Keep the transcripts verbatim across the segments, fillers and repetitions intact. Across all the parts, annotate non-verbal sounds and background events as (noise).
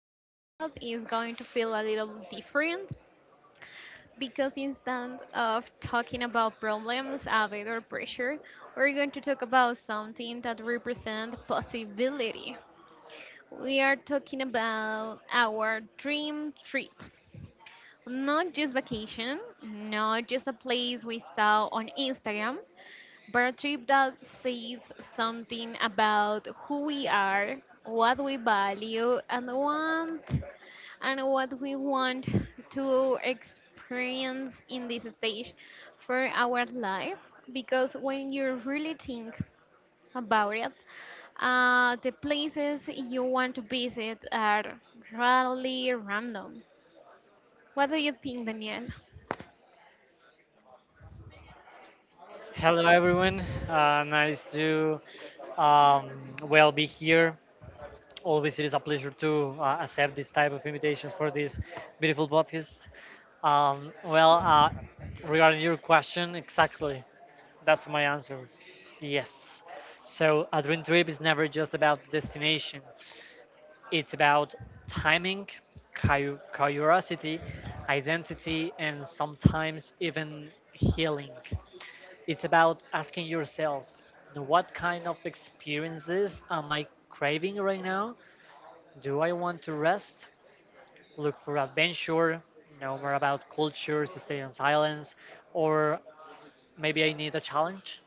episode is going to feel a little different because instead of talking about problems, a bit or pressure, we're going to talk about something that represents possibility. We are talking about our dream trip. Not just vacation, not just a place we saw on Instagram, but a trip that says something about who we are, what we value and want, and what we want to experience in this stage for our lives. Because when you really think about it, uh, the places you want to visit are really random. What do you think, Danielle? Hello, everyone. Uh, nice to um, well be here. Always, it is a pleasure to uh, accept this type of invitations for this beautiful podcast. Um, well, uh, regarding your question, exactly, that's my answer. Yes. So a dream trip is never just about the destination. It's about timing, cu- curiosity, identity, and sometimes even healing. It's about asking yourself, what kind of experiences am I craving right now? Do I want to rest, look for adventure, know more about cultures, stay on silence, or maybe I need a challenge?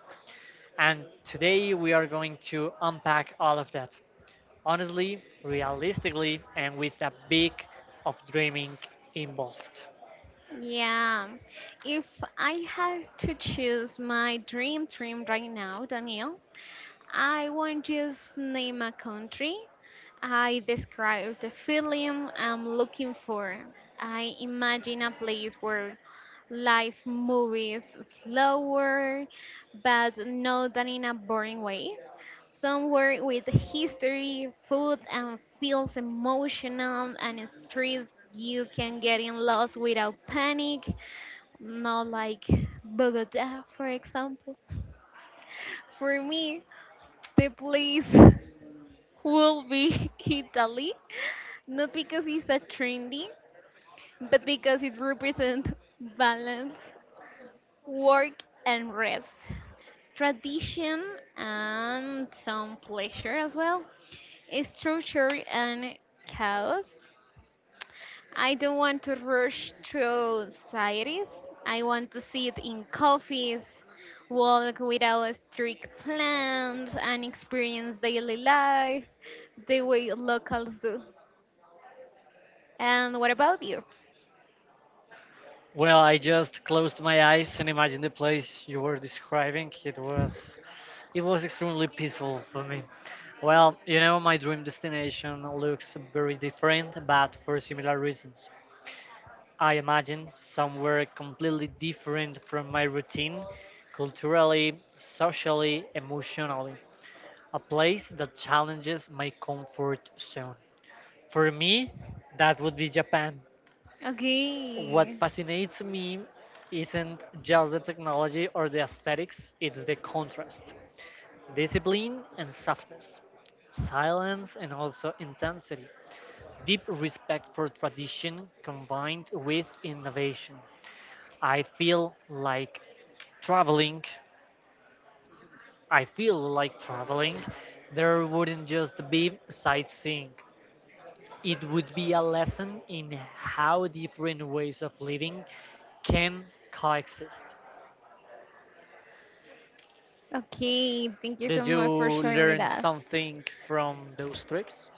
And today we are going to unpack all of that honestly, realistically, and with a bit of dreaming involved. Yeah. If I had to choose my dream dream right now, Daniel, I won't just name a country. I describe the feeling I'm looking for. I imagine a place where life moves slower, but not that in a boring way. Somewhere with history, food, and feels emotional and streets you can get in lost without panic, not like Bogota, for example. For me, the place (laughs) will be (laughs) Italy, not because it's a trendy, but because it represents balance, work, and rest, tradition, and some pleasure as well, structure, and chaos. I don't want to rush through societies. I want to sit in coffees, walk without strict plans, and experience daily life the way locals do. And what about you? Well, I just closed my eyes and imagined the place you were describing. It was it was extremely peaceful for me. Well, you know, my dream destination looks very different, but for similar reasons. I imagine somewhere completely different from my routine, culturally, socially, emotionally. A place that challenges my comfort zone. For me, that would be Japan. What Okay. fascinates me isn't just the technology or the aesthetics, it's the contrast. Discipline and softness, silence and also intensity, deep respect for tradition combined with innovation. I feel like traveling, I feel like traveling, there wouldn't just be sightseeing. It would be a lesson in how different ways of living can coexist. Okay, thank you so Did you much for sharing with learn us. something from those trips?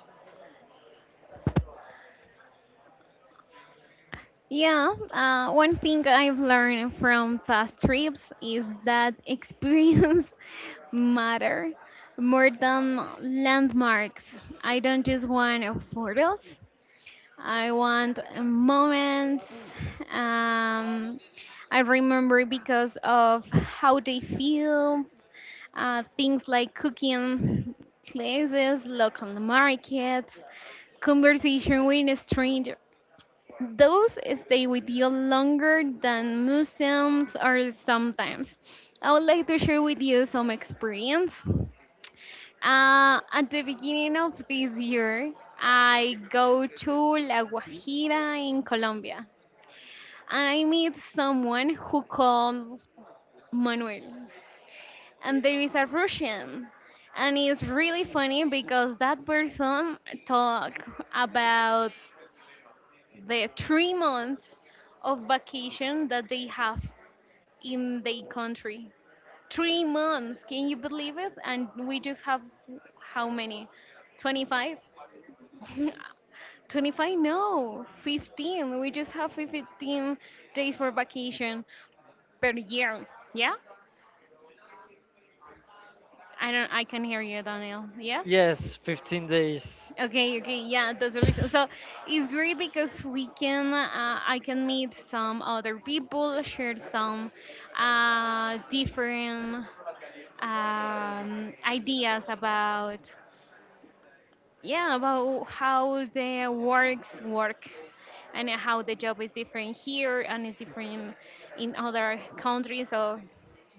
Yeah, uh, one thing I've learned from past trips is that experience (laughs) matter more than landmarks. I don't just want photos. I want uh, moments. Um, I remember because of how they feel. Uh, things like cooking classes, local markets, conversation with a stranger. Those stay with you longer than museums or sometimes. I would like to share with you some experience. Uh, at the beginning of this year, I go to La Guajira in Colombia and I meet someone who calls Manuel. And there is a Russian. And it's really funny because that person talk about the three months of vacation that they have in their country. Three months, can you believe it? And we just have how many? twenty-five? (laughs) twenty-five? No, fifteen. We just have fifteen days for vacation per year. Yeah? I don't I can hear you, Daniel. Yes? Yes, fifteen days. Okay, okay, yeah, that's the reason. So it's great because we can, uh, I can meet some other people, share some uh, different um, ideas about, yeah, about how the works work and how the job is different here and is different in other countries. So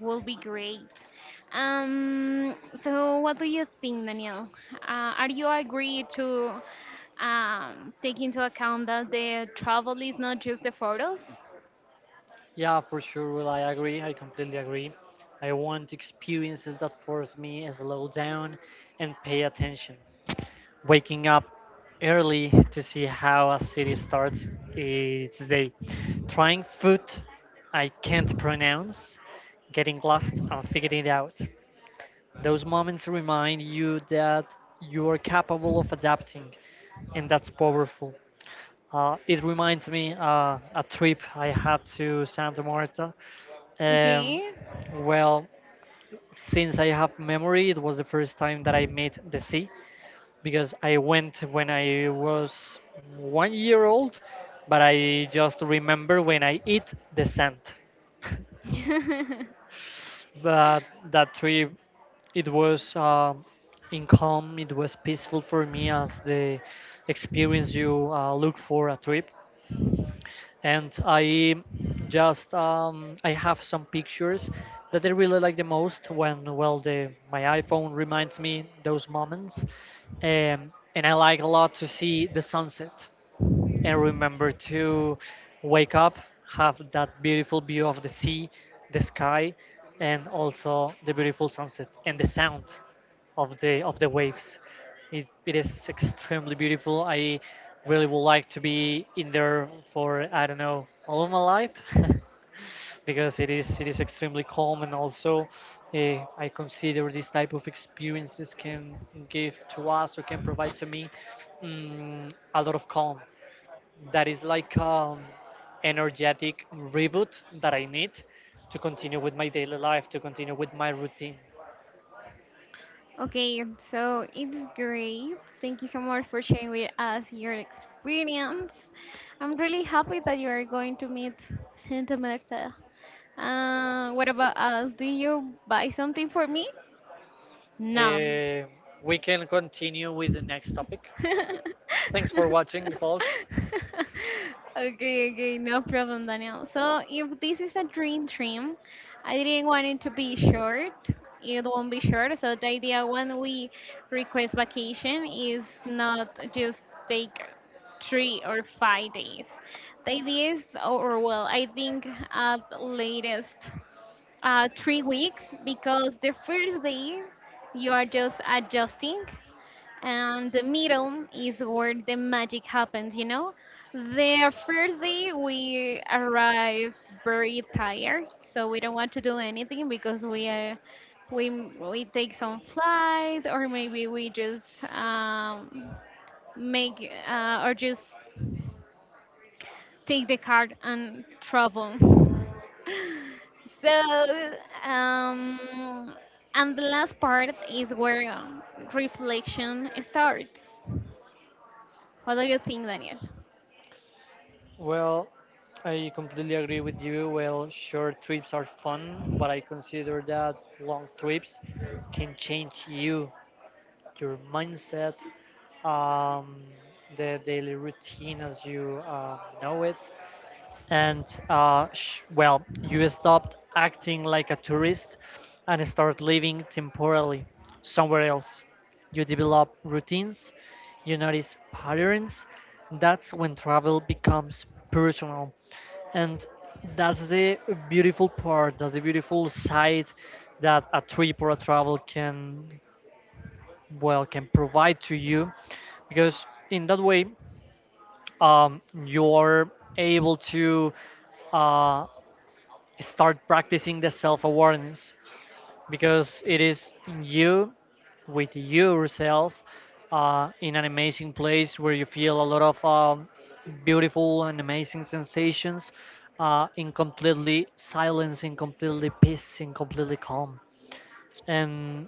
will be great. Um, so what do you think, Daniel? Uh, are you agree to um, take into account that the travel is not just the photos? Yeah, for sure. Well, I agree. I completely agree. I want experiences that force me to slow down and pay attention. Waking up early to see how a city starts its day. Trying food I can't pronounce. Getting lost and figuring it out. Those moments remind you that you are capable of adapting, and that's powerful. Uh, it reminds me uh, a trip I had to Santa Marta. Um, Okay. well, since I have memory, it was the first time that I met the sea because I went when I was one year old, but I just remember when I eat the sand. (laughs) But that trip, it was um, in calm, it was peaceful for me, as the experience you uh, look for a trip, and I just um, I have some pictures that I really like the most, when, well, the my iPhone reminds me those moments. Um, and I like a lot to see the sunset and remember to wake up, have that beautiful view of the sea, the sky, and also the beautiful sunset and the sound of the of the waves. It, it is extremely beautiful. I really would like to be in there for, I don't know, all of my life (laughs) because it is it is extremely calm, and also uh, I consider this type of experiences can give to us, or can provide to me, mm, a lot of calm, that is like um, energetic reboot that I need to continue with my daily life, to continue with my routine. Okay, so it's great. Thank you so much for sharing with us your experience. I'm really happy that you are going to meet Santa Marta. Uh, what about us? Do you buy something for me? No. Eh, we can continue with the next topic. (laughs) Thanks for watching, folks. Okay, okay, no problem, Daniel. So if this is a dream trim, I didn't want it to be short. It won't be short. So the idea when we request vacation is not just take three or five days. The idea is, or well, I think at latest uh, three weeks because the first day you are just adjusting and the middle is where the magic happens, you know, the first day we arrive very tired so we don't want to do anything because we uh, we we take some flight or maybe we just um, make uh, or just take the card and travel. (laughs) So, um, and the last part is where um, reflection starts. What do you think, Daniel? Well, I completely agree with you. Well, short trips are fun, but I consider that long trips can change you, your mindset, um, the daily routine as you uh, know it. And uh, sh- well, you stopped acting like a tourist and start living temporarily somewhere else. You develop routines, you notice patterns. That's when travel becomes personal. And that's the beautiful part, that's the beautiful side that a trip or a travel can, well, can provide to you, because in that way um, you're able to uh, start practicing the self awareness, because it is in you, with yourself, uh, in an amazing place where you feel a lot of um, beautiful and amazing sensations, uh, in completely silence, in completely peace, in completely calm. And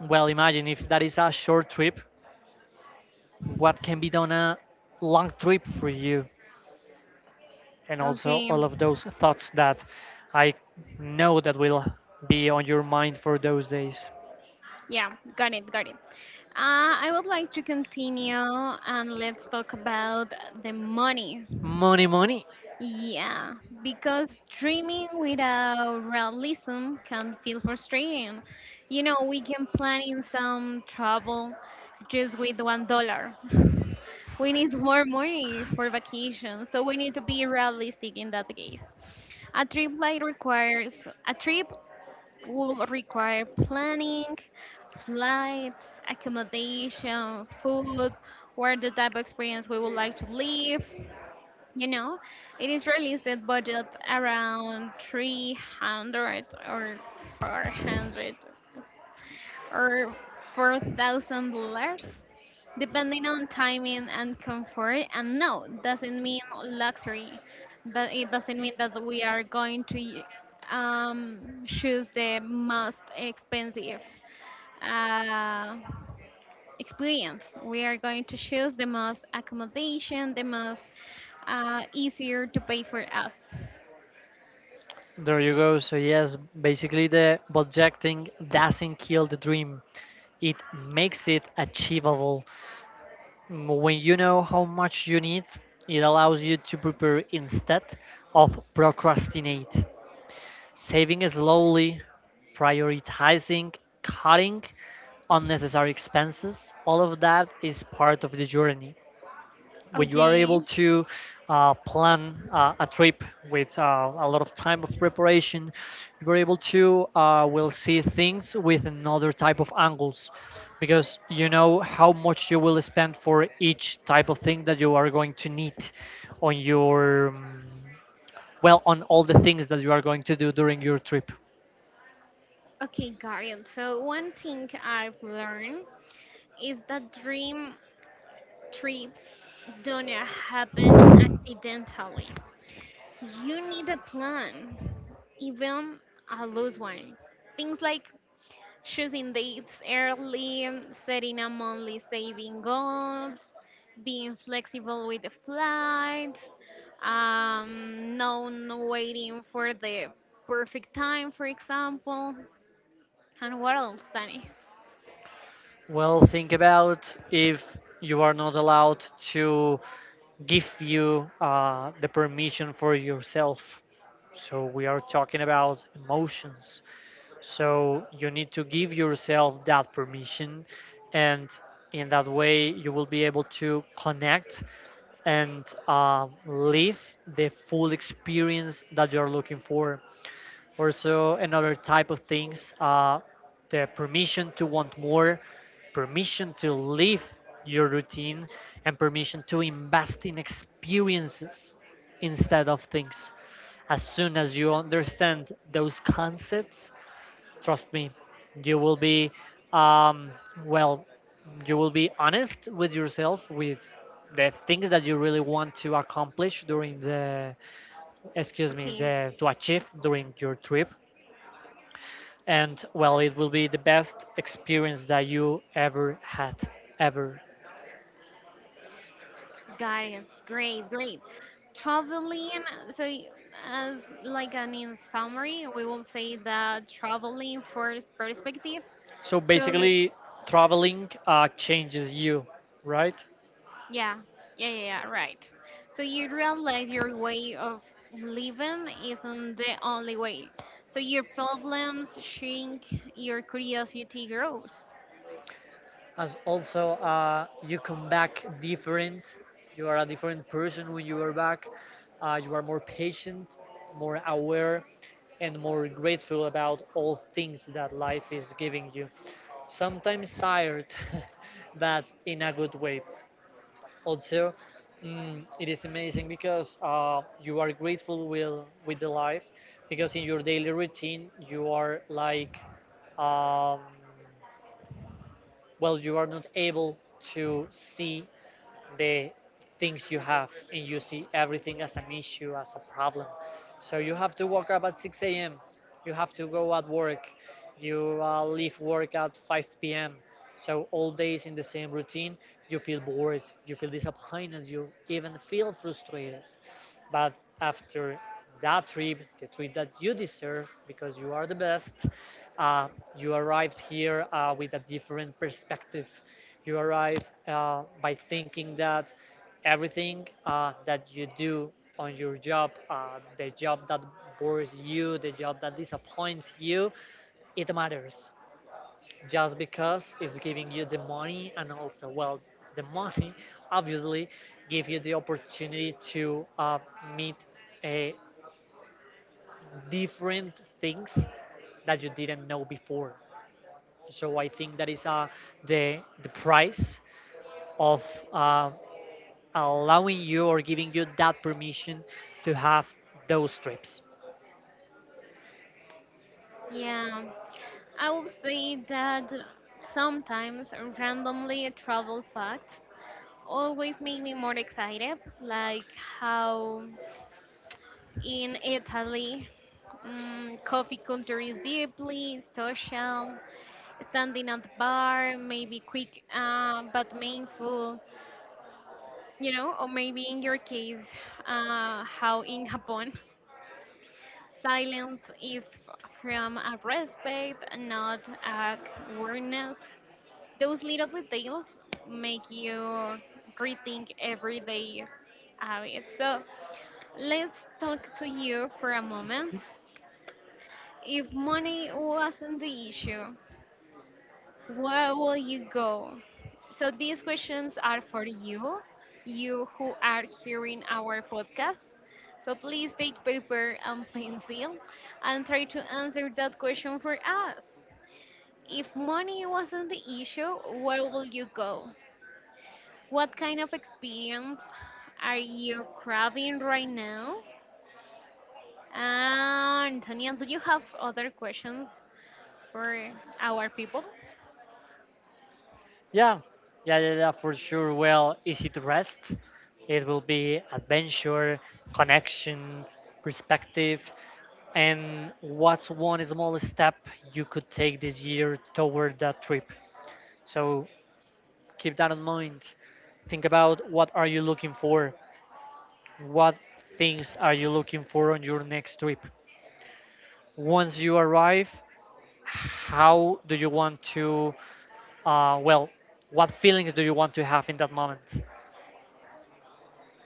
well, imagine if that is a short trip, what can be done a long trip for you? And also Okay, all of those thoughts that I know that will be on your mind for those days. yeah, got it, got it. Uh, I would like to continue and let's talk about the money. Money, money. Yeah, because dreaming without realism can feel frustrating. You know, we can plan in some trouble just with one dollar. (laughs) We need more money for vacation, so we need to be realistic in that case. A trip like requires a trip will require planning, flights, accommodation, food, where the type of experience we would like to live, you know, it is released at budget around three hundred or four hundred or four thousand dollars, depending on timing and comfort. And no, doesn't mean luxury. That it doesn't mean that we are going to y- um, choose the most expensive. Uh, Experience. We are going to choose the most accommodation, the most uh, easier to pay for us. There you go. So yes, basically the budgeting doesn't kill the dream. It makes it achievable. Mm, When you know how much you need, it allows you to prepare instead of procrastinate. Saving slowly, prioritizing, cutting unnecessary expenses, all of that is part of the journey. When you are Okay. able to uh, plan uh, a trip with uh, a lot of time of preparation, you are able to uh, will see things with another type of angles, because you know how much you will spend for each type of thing that you are going to need on your um, well, on all the things that you are going to do during your trip. Okay, got it. So one thing I've learned is that dream trips don't happen accidentally. You need a plan, even a loose one. Things like choosing dates early, setting a monthly saving goals, being flexible with the flights, um, not waiting for the perfect time, for example. And what else, Danny? Well, think about, if you are not allowed to give you uh, the permission for yourself. So we are talking about emotions. So you need to give yourself that permission, and in that way, you will be able to connect and uh, live the full experience that you are looking for. Also, another type of things, uh, the permission to want more, permission to leave your routine, and permission to invest in experiences instead of things. As soon as you understand those concepts, trust me, you will be, um, well, you will be honest with yourself, with the things that you really want to accomplish during the, excuse me, Okay, the, to achieve during your trip, and well, it will be the best experience that you ever had, ever. got it. Great, great. Traveling, so y- as like an in summary, we will say that traveling first perspective. So So basically, traveling uh, changes you, right? yeah, yeah, yeah, yeah, right. So you realize your way of living isn't the only way. So your problems shrink, your curiosity grows. As also uh, you come back different, you are a different person when you are back. Uh, you are more patient, more aware, and more grateful about all things that life is giving you. Sometimes tired (laughs) that in a good way. Also, mm, it is amazing because uh, you are grateful with with the life, because in your daily routine you are like um, well, you are not able to see the things you have, and you see everything as an issue, as a problem. So you have to wake up at six a m, you have to go at work, you uh, leave work at five p m. So all days in the same routine, you feel bored, you feel disappointed, you even feel frustrated. But after that trip, the trip that you deserve because you are the best, uh, you arrived here uh, with a different perspective. You arrive uh, by thinking that everything uh, that you do on your job, uh, the job that bores you, the job that disappoints you, it matters, just because it's giving you the money, and also, well, the money (laughs) obviously give you the opportunity to uh, meet uh, different things that you didn't know before. So I think that is uh, the the price of uh, allowing you or giving you that permission to have those trips. Yeah, I would say that sometimes randomly travel facts always make me more excited, like how in Italy, mm coffee culture is deeply social, standing at the bar, maybe quick uh, but meaningful, you know, or maybe in your case, uh, how in Japan, (laughs) silence is f- from a respect, not a awareness. Those little details make you rethink everyday habits. So let's talk to you for a moment. If money wasn't the issue, where will you go? So these questions are for you, you who are hearing our podcast. So please take paper and pencil and try to answer that question for us. If money wasn't the issue, where will you go? What kind of experience are you craving right now? And Antonia, do you have other questions for our people? Yeah, yeah, yeah, yeah, for sure. Well, easy to rest. It will be adventure, connection, perspective, and what's one small step you could take this year toward that trip. So keep that in mind. Think about, what are you looking for? What things are you looking for on your next trip? Once you arrive, how do you want to, uh, well, what feelings do you want to have in that moment?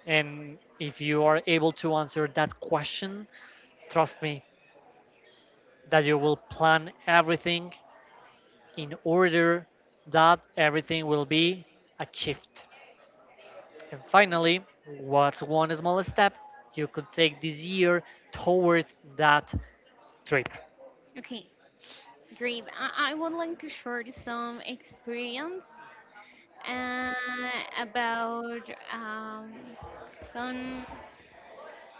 And if you are able to answer that question, trust me that you will plan everything in order that everything will be achieved. And finally, what's one small step you could take this year toward that trip? Okay, great. I, I would like to share some experience uh, about um, some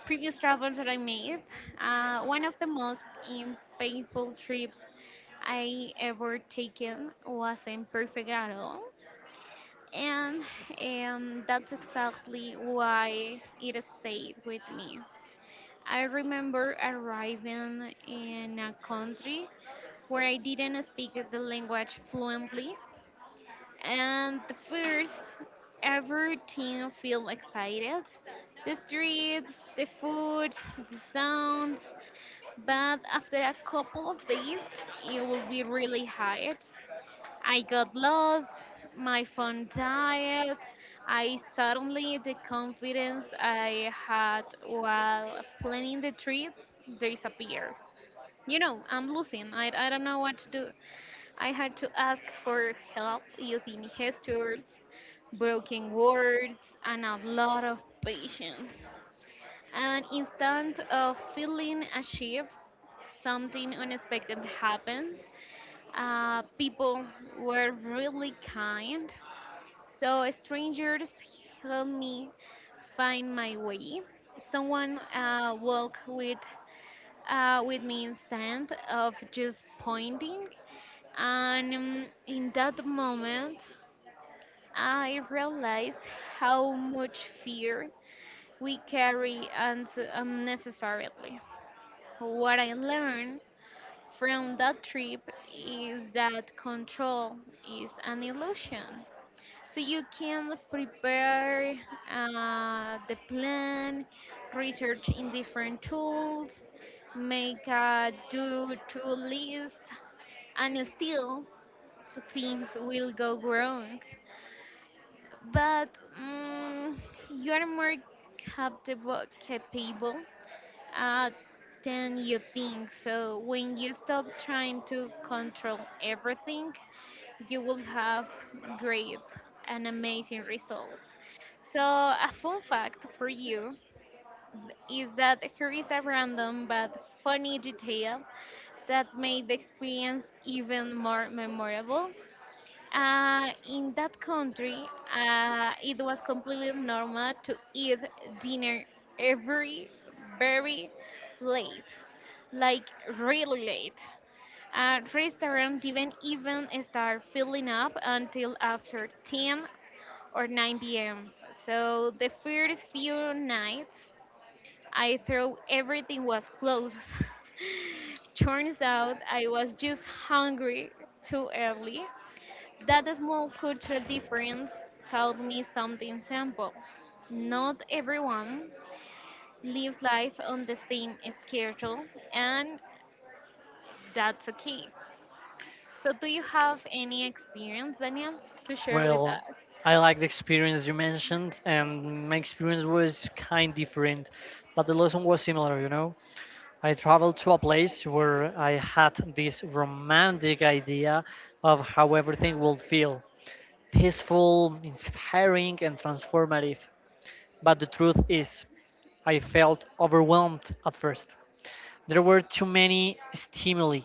previous travels that I made. Uh, one of the most im- painful trips I ever taken wasn't perfect at all. And um, that's exactly why it stayed with me. I remember arriving in a country where I didn't speak the language fluently and the first ever team feel excited. The streets, the food, the sounds, but after a couple of days, it will be really hard. I got lost, my phone died, I suddenly the confidence I had while planning the trip disappeared. You know, I'm losing. I, I don't know what to do. I had to ask for help using gestures, broken words, and a lot of patience. And instead of feeling ashamed, something unexpected happened. Uh, people were really kind. So strangers helped me find my way. Someone uh, walked with uh, with me instead of just pointing. And um, in that moment, I realized how much fear we carry and unnecessarily. What I learned from that trip is that control is an illusion. So you can prepare uh, the plan, research in different tools, make a do-to list, and still things will go wrong. But mm you are more capable, capable uh, than you think. So when you stop trying to control everything, you will have great and amazing results. So a fun fact for you is that here is a random but funny detail that made the experience even more memorable. Uh, in that country, uh, it was completely normal to eat dinner every very late, like really late. Uh, restaurant didn't even start filling up until after ten or nine p m. So the first few nights, I thought everything was closed. (laughs) Turns out I was just hungry too early. That small cultural difference taught me something simple. Not everyone lives life on the same schedule, and that's okay. So, do you have any experience, Daniel, to share with Well, us? I like the experience you mentioned, and my experience was kind different, but the lesson was similar, you know? I traveled to a place where I had this romantic idea of how everything would feel, peaceful, inspiring, and transformative. But the truth is, I felt overwhelmed at first. There were too many stimuli,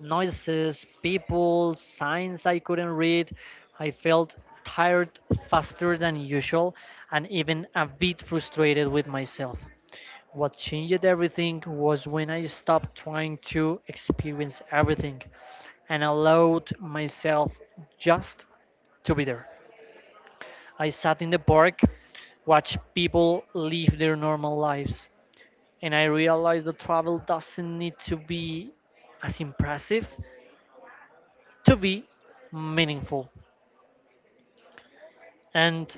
noises, people, signs I couldn't read. I felt tired faster than usual, and even a bit frustrated with myself. What changed everything was when I stopped trying to experience everything and allowed myself just to be there. I sat in the park, watched people live their normal lives, and I realized that travel doesn't need to be as impressive to be meaningful. And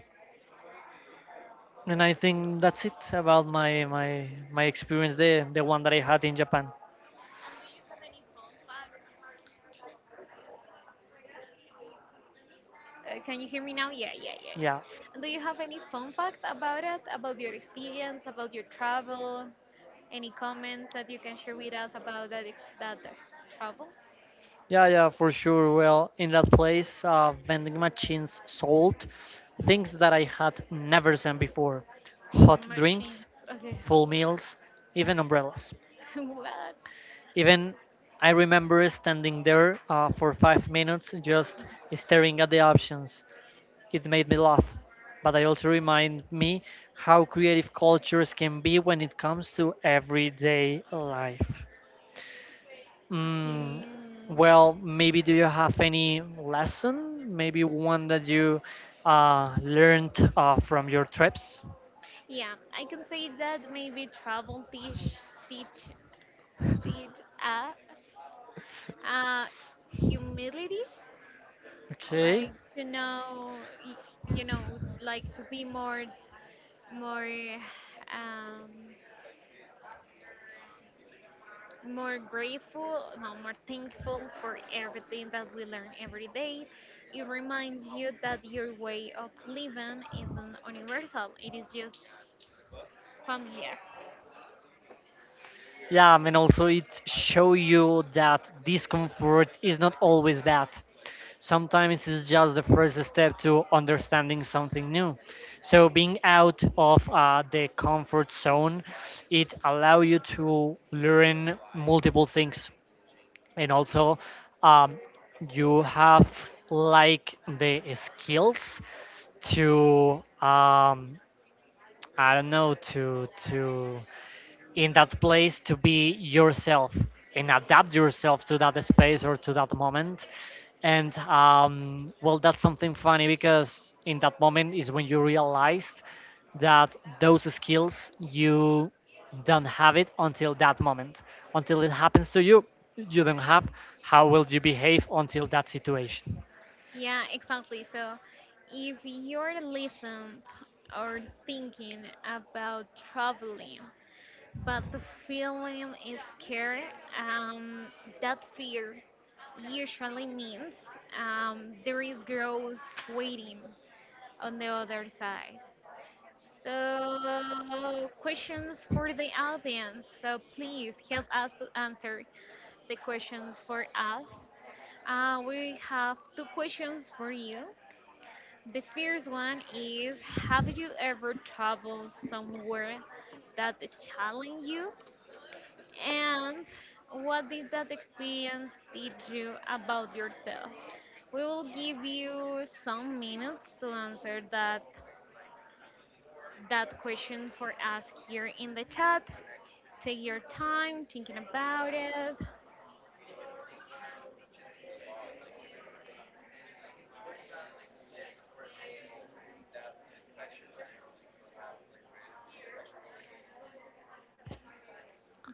and I think that's it about my my my experience there, the one that I had in Japan. Uh, can you hear me now? Yeah, yeah, yeah, yeah. Yeah. And do you have any fun facts about it, about your experience, about your travel? Any comments that you can share with us about that ex- that uh, travel? Yeah, yeah, for sure. Well, in that place, uh, vending machines sold things that I had never seen before, hot Machines. drinks, Okay. full meals, even umbrellas. (laughs) What? Even, I remember standing there uh, for five minutes just staring at the options. It made me laugh, but I also remind me how creative cultures can be when it comes to everyday life. Mm, well, maybe, do you have any lesson? Maybe one that you uh, learned uh, from your trips? Yeah, I can say that maybe travel teach teach teach us uh, humility, Okay. like to know, y- you know, like to be more more um, more grateful, more more thankful for everything that we learn every day. It reminds you that your way of living isn't universal; it is just familiar. Yeah, I mean, also it show you that discomfort is not always bad. Sometimes it's just the first step to understanding something new. So being out of uh, the comfort zone, it allow you to learn multiple things, and also um, you have like the skills to um, I don't know, to to in that place to be yourself and adapt yourself to that space or to that moment. And um, well, that's something funny, because in that moment is when you realized that those skills you don't have it until that moment. Until it happens to you, you don't have. How will you behave until that situation? Yeah, exactly. So if you're listening or thinking about traveling, but the feeling is scary, um, that fear usually means um, there is growth waiting on the other side. So, questions for the audience. So, please help us to answer the questions for us. Uh, we have two questions for you. The first one is, have you ever traveled somewhere that challenged you? And what did that experience teach you about yourself? We will give you some minutes to answer that that question for us here in the chat. Take your time thinking about it.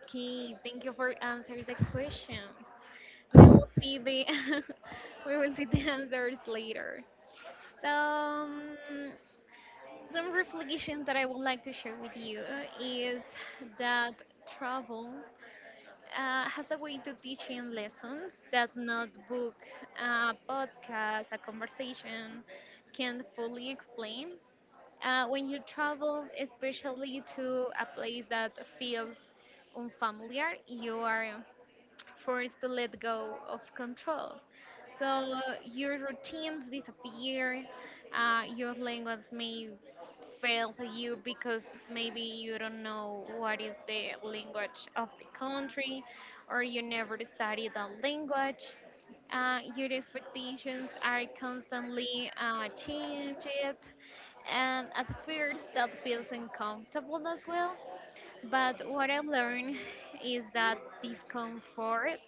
Okay, thank you for answering the questions. We will see the (laughs) we will see the answers later. So, um, some reflection that I would like to share with you is that travel uh, has a way to teaching lessons that not book, a podcast, a conversation can fully explain. Uh, when you travel, especially to a place that feels unfamiliar, you are forced to let go of control. So your routines disappear, uh, your language may fail you because maybe you don't know what is the language of the country or you never studied the language. Uh, your expectations are constantly uh, changed and at first that feels uncomfortable as well, but what I learned is that discomfort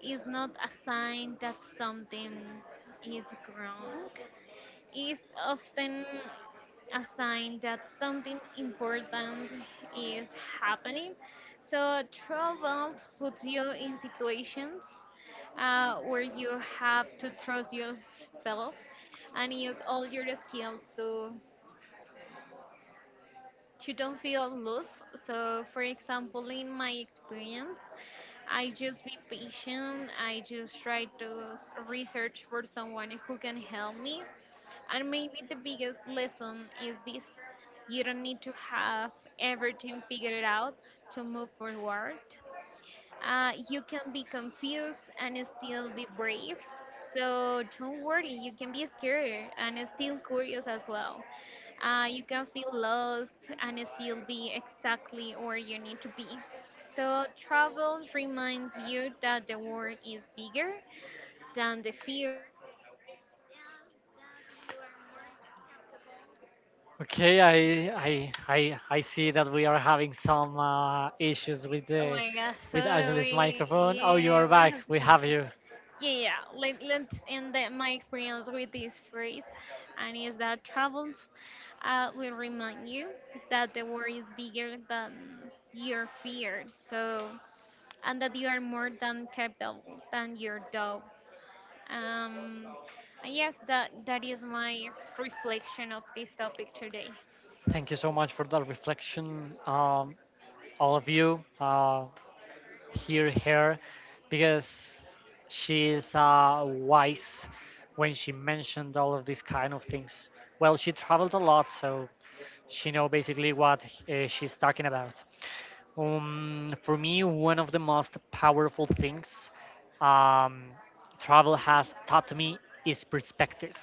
is not a sign that something is wrong. It's often a sign that something important is happening. So troubles puts you in situations uh, where you have to trust yourself and use all your skills to to don't feel loose. So for example, in my experience, I just be patient. I just try to s- research for someone who can help me. And maybe the biggest lesson is this: you don't need to have everything figured out to move forward. Uh, you can be confused and still be brave. So don't worry, you can be scared and still curious as well. Uh, you can feel lost and still be exactly where you need to be. So travel reminds you that the world is bigger than the fear. Okay, I I I I see that we are having some uh, issues with Oh the my God, with Angela's sorry. microphone. Oh, you are Yeah, we back. have to We finish. have you. Yeah, yeah. Let, let's end the, my experience with this phrase, and is that travels uh, will remind you that the world is bigger than your fears, so and that you are more than capable than your doubts. Um, and yes, that that is my reflection of this topic today. Thank you so much for that reflection, um, all of you. Uh, hear her, because she is uh, wise when she mentioned all of these kind of things. Well, she traveled a lot, so she know basically what uh, she's talking about. Um, for me, one of the most powerful things, um, travel has taught me, is perspective.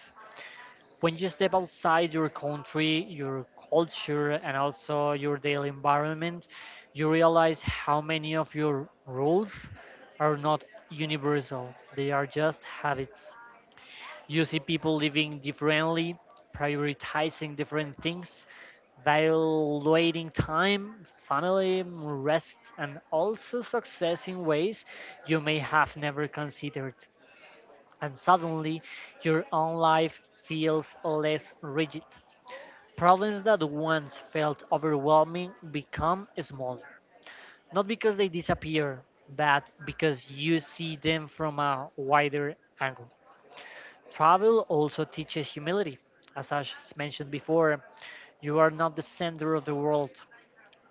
When you step outside your country, your culture, and also your daily environment, you realize how many of your rules are not universal. They are just habits. You see people living differently, prioritizing different things, valuing time, family, rest, and also success in ways you may have never considered. And suddenly, your own life feels less rigid. Problems that once felt overwhelming become smaller, not because they disappear, but because you see them from a wider angle. Travel also teaches humility. As I s- mentioned before, you are not the center of the world.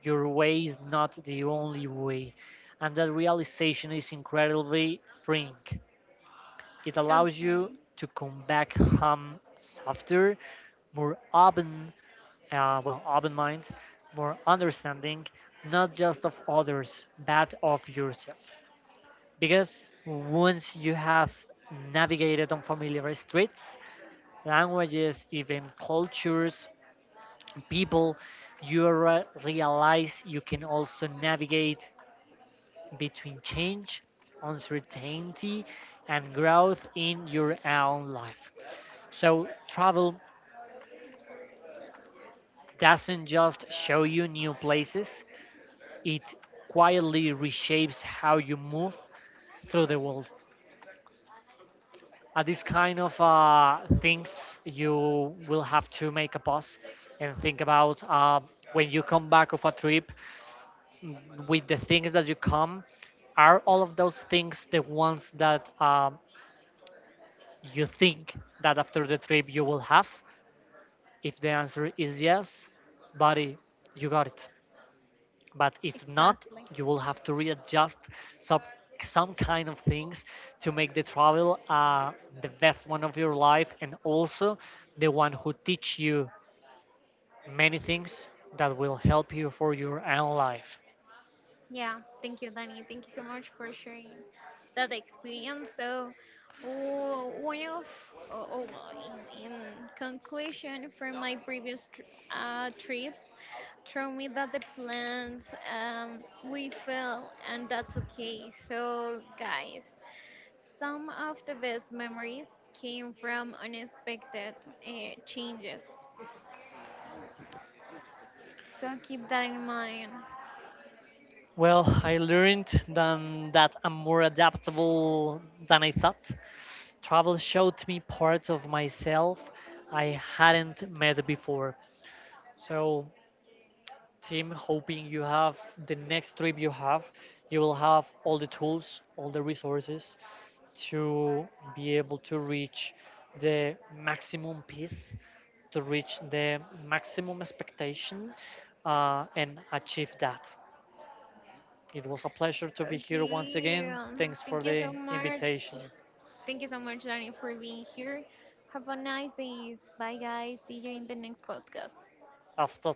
Your way is not the only way. And that realization is incredibly freeing. It allows you Okay, to come back home softer, more open, uh, well, open mind, more understanding, not just of others, but of yourself. Because once you have navigated unfamiliar streets, languages, even cultures, people, you re- realize you can also navigate between change, uncertainty, and growth in your own life. So, travel doesn't just show you new places, it quietly reshapes how you move through the world. At these kind of uh, things, you will have to make a pause and think about, uh, when you come back of a trip, mm, with the things that you come, are all of those things the ones that um, you think that after the trip you will have? If the answer is yes, buddy, you got it. But if not, exactly. you will have to readjust some some kind of things to make the travel uh, the best one of your life, and also the one who teach you many things that will help you for your own life. Yeah, thank you, Danny. Thank you so much for sharing that experience. So, w- one of, oh, oh, well, in, in conclusion, from my previous tr- uh, trips, told me that the plans um, we fail and that's okay. So, guys, some of the best memories came from unexpected uh, changes. So keep that in mind. Well, I learned then that I'm more adaptable than I thought. Travel showed me parts of myself I hadn't met before. So, Tim, hoping you have, the next trip you have, you will have all the tools, all the resources to be able to reach the maximum peace, to reach the maximum expectation, uh, and achieve that. It was a pleasure to be here once Okay, again. um, Thanks thank for you so the much. invitation. Thank you so much, Dani, for being here. Have a nice day. Bye, guys. See you in the next podcast. Hasta.